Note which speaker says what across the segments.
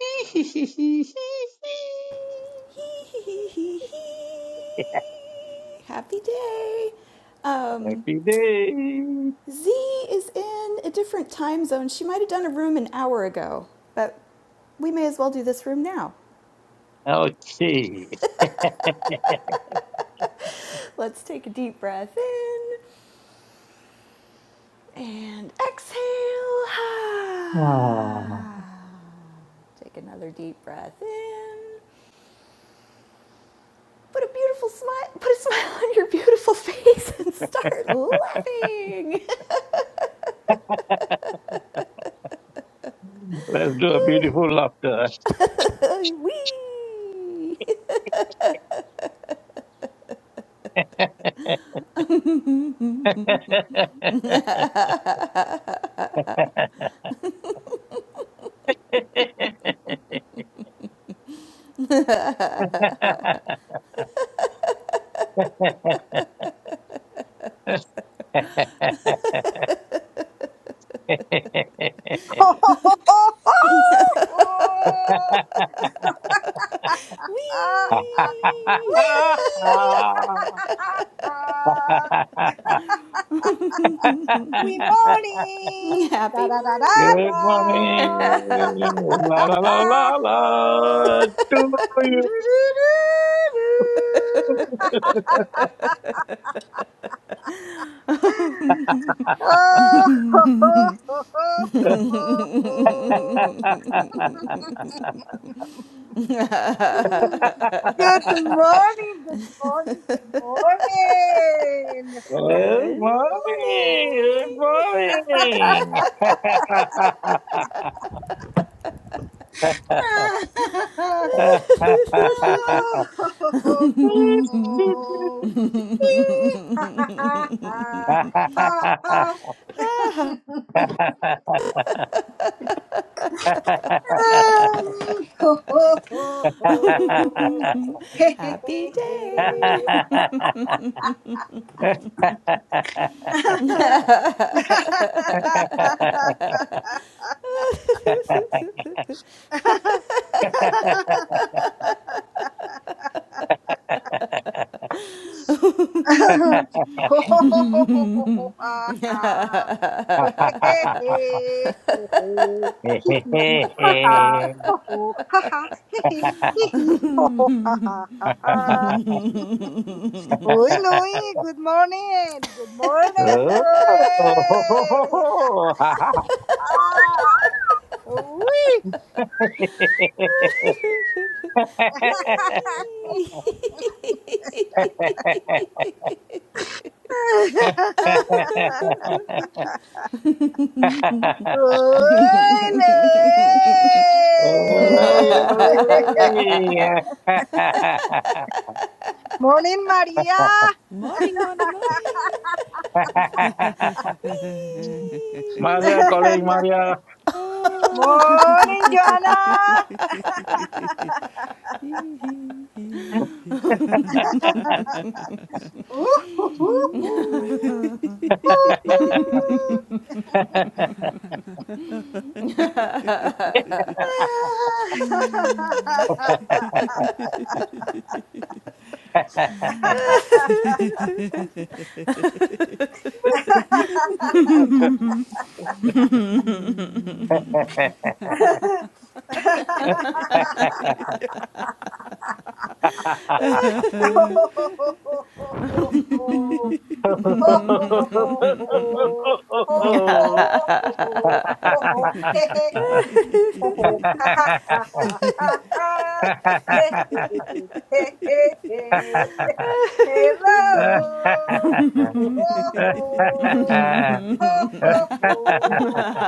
Speaker 1: Hee hee hee hee hee. Happy day. Um,
Speaker 2: Happy day.
Speaker 1: Z is in a different time zone. She might have done a room an hour ago, but we may as well do this room now.
Speaker 2: Okay.
Speaker 1: Let's take a deep breath in and exhale.
Speaker 2: Ah,
Speaker 1: Ah. Take another deep breath in. Put a beautiful smile, put a smile on your beautiful face and start laughing.
Speaker 2: Let's do a beautiful laughter.
Speaker 1: Wee!
Speaker 3: Wee!
Speaker 1: Wee!
Speaker 3: We morning! Da
Speaker 1: Happy
Speaker 3: da da da
Speaker 2: Good
Speaker 1: morning!
Speaker 2: morning.
Speaker 3: da!
Speaker 2: La la la la la.
Speaker 3: Oh!
Speaker 2: Do
Speaker 3: Do, do,
Speaker 2: you?
Speaker 3: do, do, do. Oh, ho, ho, ho, ho, ho, ho, ho. Good morning, good morning, good morning. Ho,
Speaker 2: Good
Speaker 1: Good
Speaker 3: ho, ho, ho.
Speaker 1: morning!
Speaker 2: morning.
Speaker 3: ha ha ha ha ha ha ha
Speaker 2: Good
Speaker 1: Happy day!
Speaker 3: ha
Speaker 2: morning.
Speaker 3: ha ha ha Uy, Louie, good morning. Good morning, Louie. Ah, uy.
Speaker 1: Wee!
Speaker 3: Uy,
Speaker 2: Oh,
Speaker 3: Louie. Morning, Maria.
Speaker 4: Morning, morning, morning.
Speaker 1: Wee!
Speaker 2: Maria, calling Maria.
Speaker 4: Oh.
Speaker 3: Morning, Joanna. Ooh-hoo-hoo-hoo.
Speaker 4: Mm.
Speaker 2: Ha
Speaker 3: Ooh-hoo. ho ho ho ho ho ho ho ho ho ho he he ho ho ha ha ha ha ha ha he he he he he he he hello ho ho ho ho ho ho ho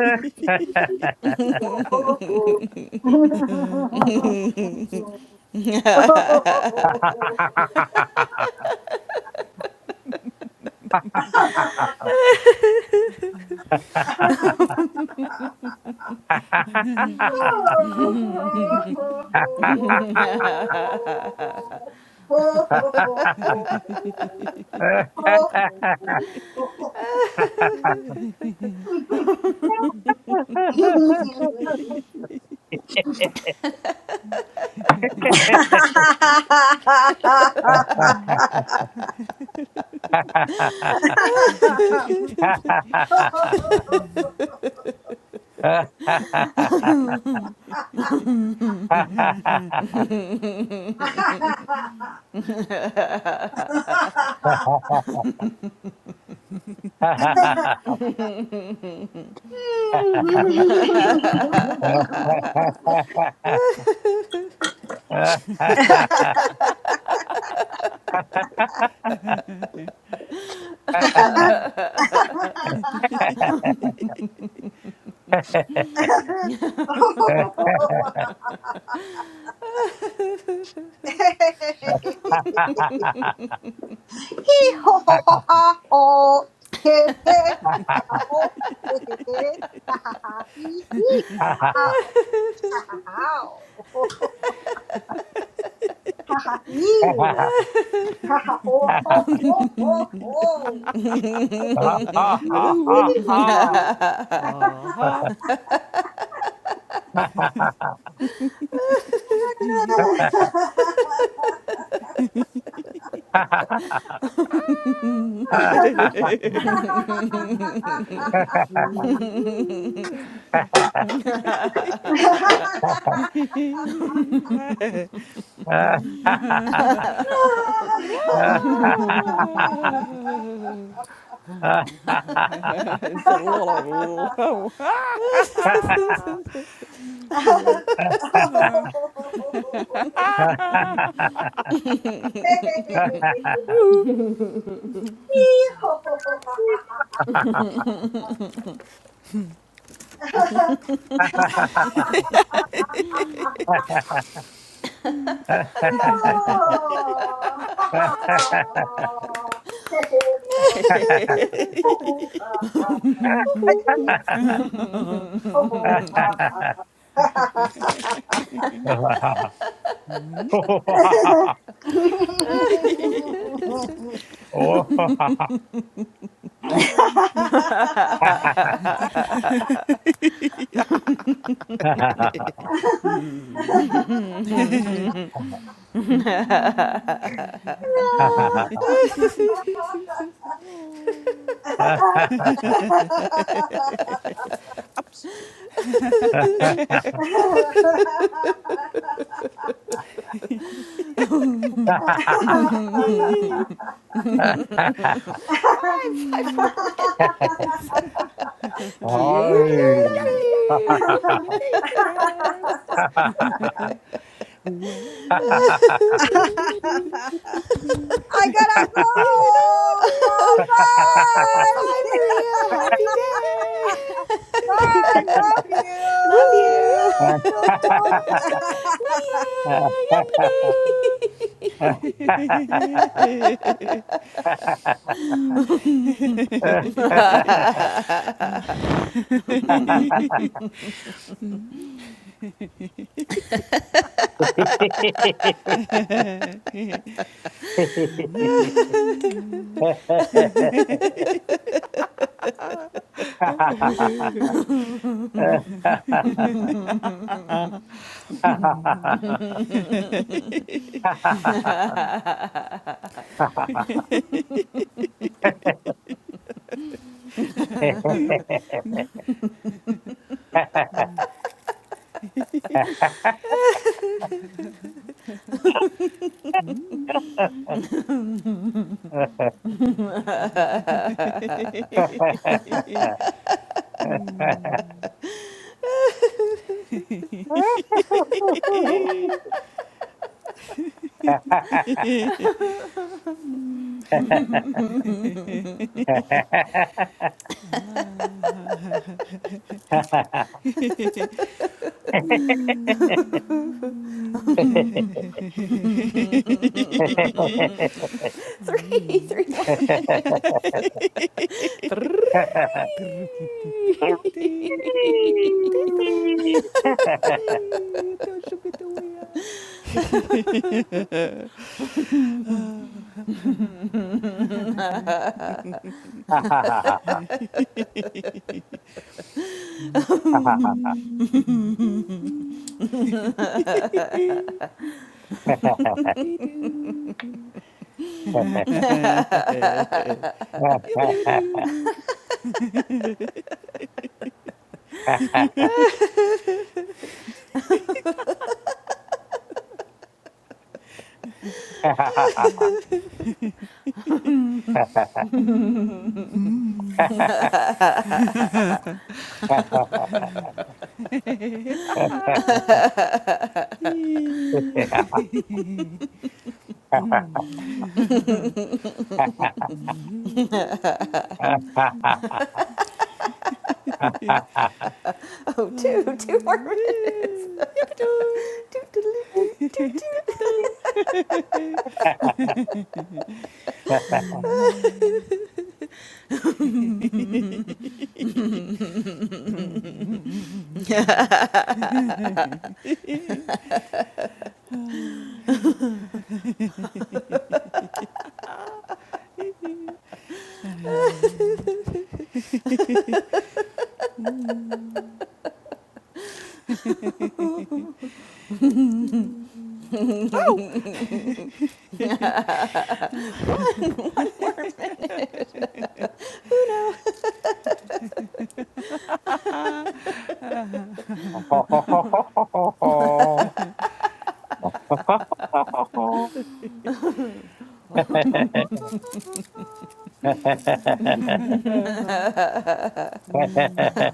Speaker 3: Hee ho ho ho ha ho. Hee hee ha ho. Hee hee hee ha ha ha hee hee ha ha. Ha Ha ha Ha ha you! Ha ha ho ho ho ho
Speaker 4: Ha ha.
Speaker 2: Oh,
Speaker 4: it's a lot of to work. Yeah.
Speaker 3: ho! No. I
Speaker 1: five, five more minutes.
Speaker 4: yeah,
Speaker 1: Keep
Speaker 4: yeah, yeah, yeah.
Speaker 1: loving.
Speaker 4: Yippee, yippee, yippee, yeah. Well, la, la,
Speaker 3: gotta go. Bye bye.
Speaker 1: Bye, Maria. Happy day.
Speaker 3: Bye. Love you.
Speaker 1: Love you.
Speaker 3: Toot toot.
Speaker 1: Wee.
Speaker 4: la.
Speaker 2: Hi. Ha
Speaker 1: three, three more minutes. Three.
Speaker 4: Don't you be doing you be do. you be do do do do.
Speaker 1: Oh, two, two more minutes.
Speaker 4: Yippee-doo.
Speaker 1: Toot, toot, toot, toot, toot.
Speaker 4: Doo-doo. Mm. Ah. Mm. Mm. Oh,
Speaker 1: One, one more minute.
Speaker 4: uh, Ha ha ha ha ha ha ha ha. Mm.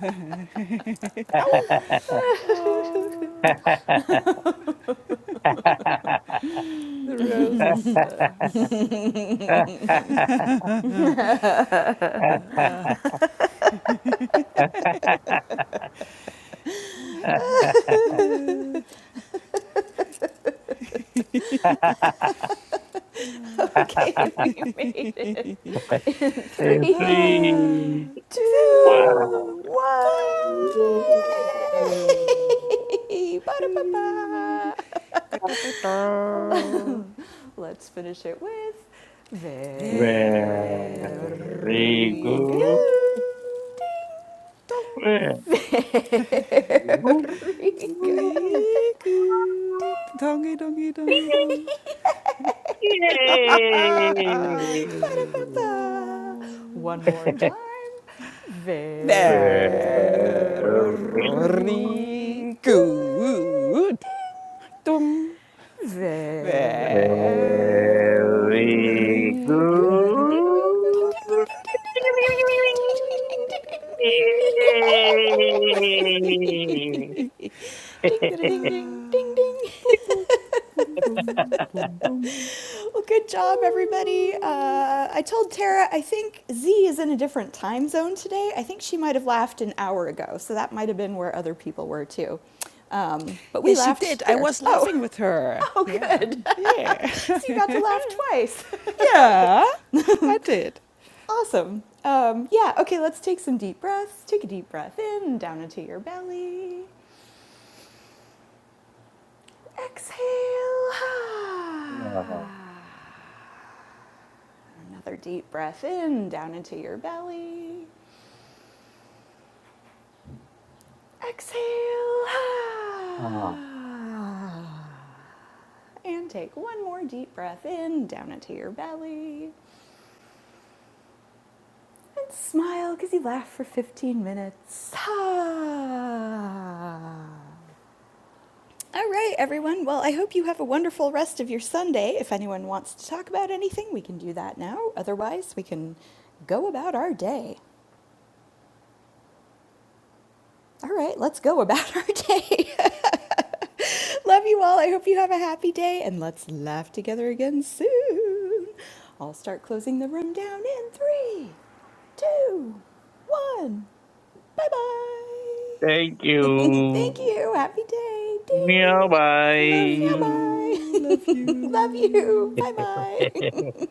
Speaker 4: Ow! Oh, the roses. Uh, s- ah, uh, ah, two,
Speaker 1: Okay, we made it in
Speaker 2: And
Speaker 1: three,
Speaker 2: three, one.
Speaker 1: two,
Speaker 4: one.
Speaker 1: one.
Speaker 4: Yay, yay, they do.
Speaker 1: Yay! Ba-da-ba-ba.
Speaker 4: Da, da, da, da.
Speaker 1: Let's finish it with
Speaker 2: Very
Speaker 1: very
Speaker 4: Very
Speaker 2: good.
Speaker 1: good.
Speaker 4: good. Dong.
Speaker 2: Very
Speaker 1: Very good.
Speaker 2: good.
Speaker 4: Very good. Dongy, dongy, dongy, dong. Ha ha ha.
Speaker 2: Yay!
Speaker 1: Ba-da-ba-ba.
Speaker 4: oh.
Speaker 1: One more time.
Speaker 2: Very,
Speaker 4: Very
Speaker 1: Very good.
Speaker 4: good.
Speaker 1: Ding.
Speaker 4: Dong.
Speaker 1: Very
Speaker 4: Very,
Speaker 2: very
Speaker 1: good.
Speaker 4: very, very, very, very, very,
Speaker 1: Ding, ding, ding,
Speaker 2: good.
Speaker 1: ding, ding, ding, ding, ding, ding, ding, ding, ding, ding.
Speaker 4: very
Speaker 1: Yeah.
Speaker 4: good.
Speaker 2: Yay!
Speaker 4: Yay!
Speaker 1: Ding, da, da, ding, ding, ding, ding.
Speaker 4: boom, boom, boom, boom, boom, boom.
Speaker 1: Well, good job, everybody.
Speaker 4: Ooh.
Speaker 1: Uh, I told Tara, I think Z is in a different time zone today. I think she might have laughed an hour ago, so that might have been where other people were too. Um, but we
Speaker 4: Yes, she
Speaker 1: laughed
Speaker 4: did. I
Speaker 1: here.
Speaker 4: was
Speaker 1: Oh,
Speaker 4: laughing with her.
Speaker 1: oh,
Speaker 4: Yeah.
Speaker 1: good.
Speaker 4: Yeah.
Speaker 1: so you got to laugh twice.
Speaker 4: yeah, I did.
Speaker 1: Awesome. Um, yeah, okay, let's take some deep breaths. Take a deep breath in, down into your belly. Exhale.
Speaker 2: Ah,
Speaker 1: Another deep breath in, down into your belly. Exhale.
Speaker 2: ah.
Speaker 1: Ah. And take one more deep breath in, down into your belly. And smile because you laughed for 15 minutes. Ah. All right, everyone. Well, I hope you have a wonderful rest of your Sunday. If anyone wants to talk about anything, we can do that now. Otherwise, we can go about our day. All right, let's go about our day. Love you all. I hope you have a happy day and let's laugh together again soon. I'll start closing the room down in three, two, one. Bye
Speaker 2: Thank
Speaker 1: bye. Thank
Speaker 2: you.
Speaker 1: you. Happy day. Ding.
Speaker 2: Meow
Speaker 4: Love
Speaker 1: Now
Speaker 2: bye.
Speaker 1: bye.
Speaker 4: you. Love
Speaker 1: Love you.
Speaker 4: you.
Speaker 1: Bye bye.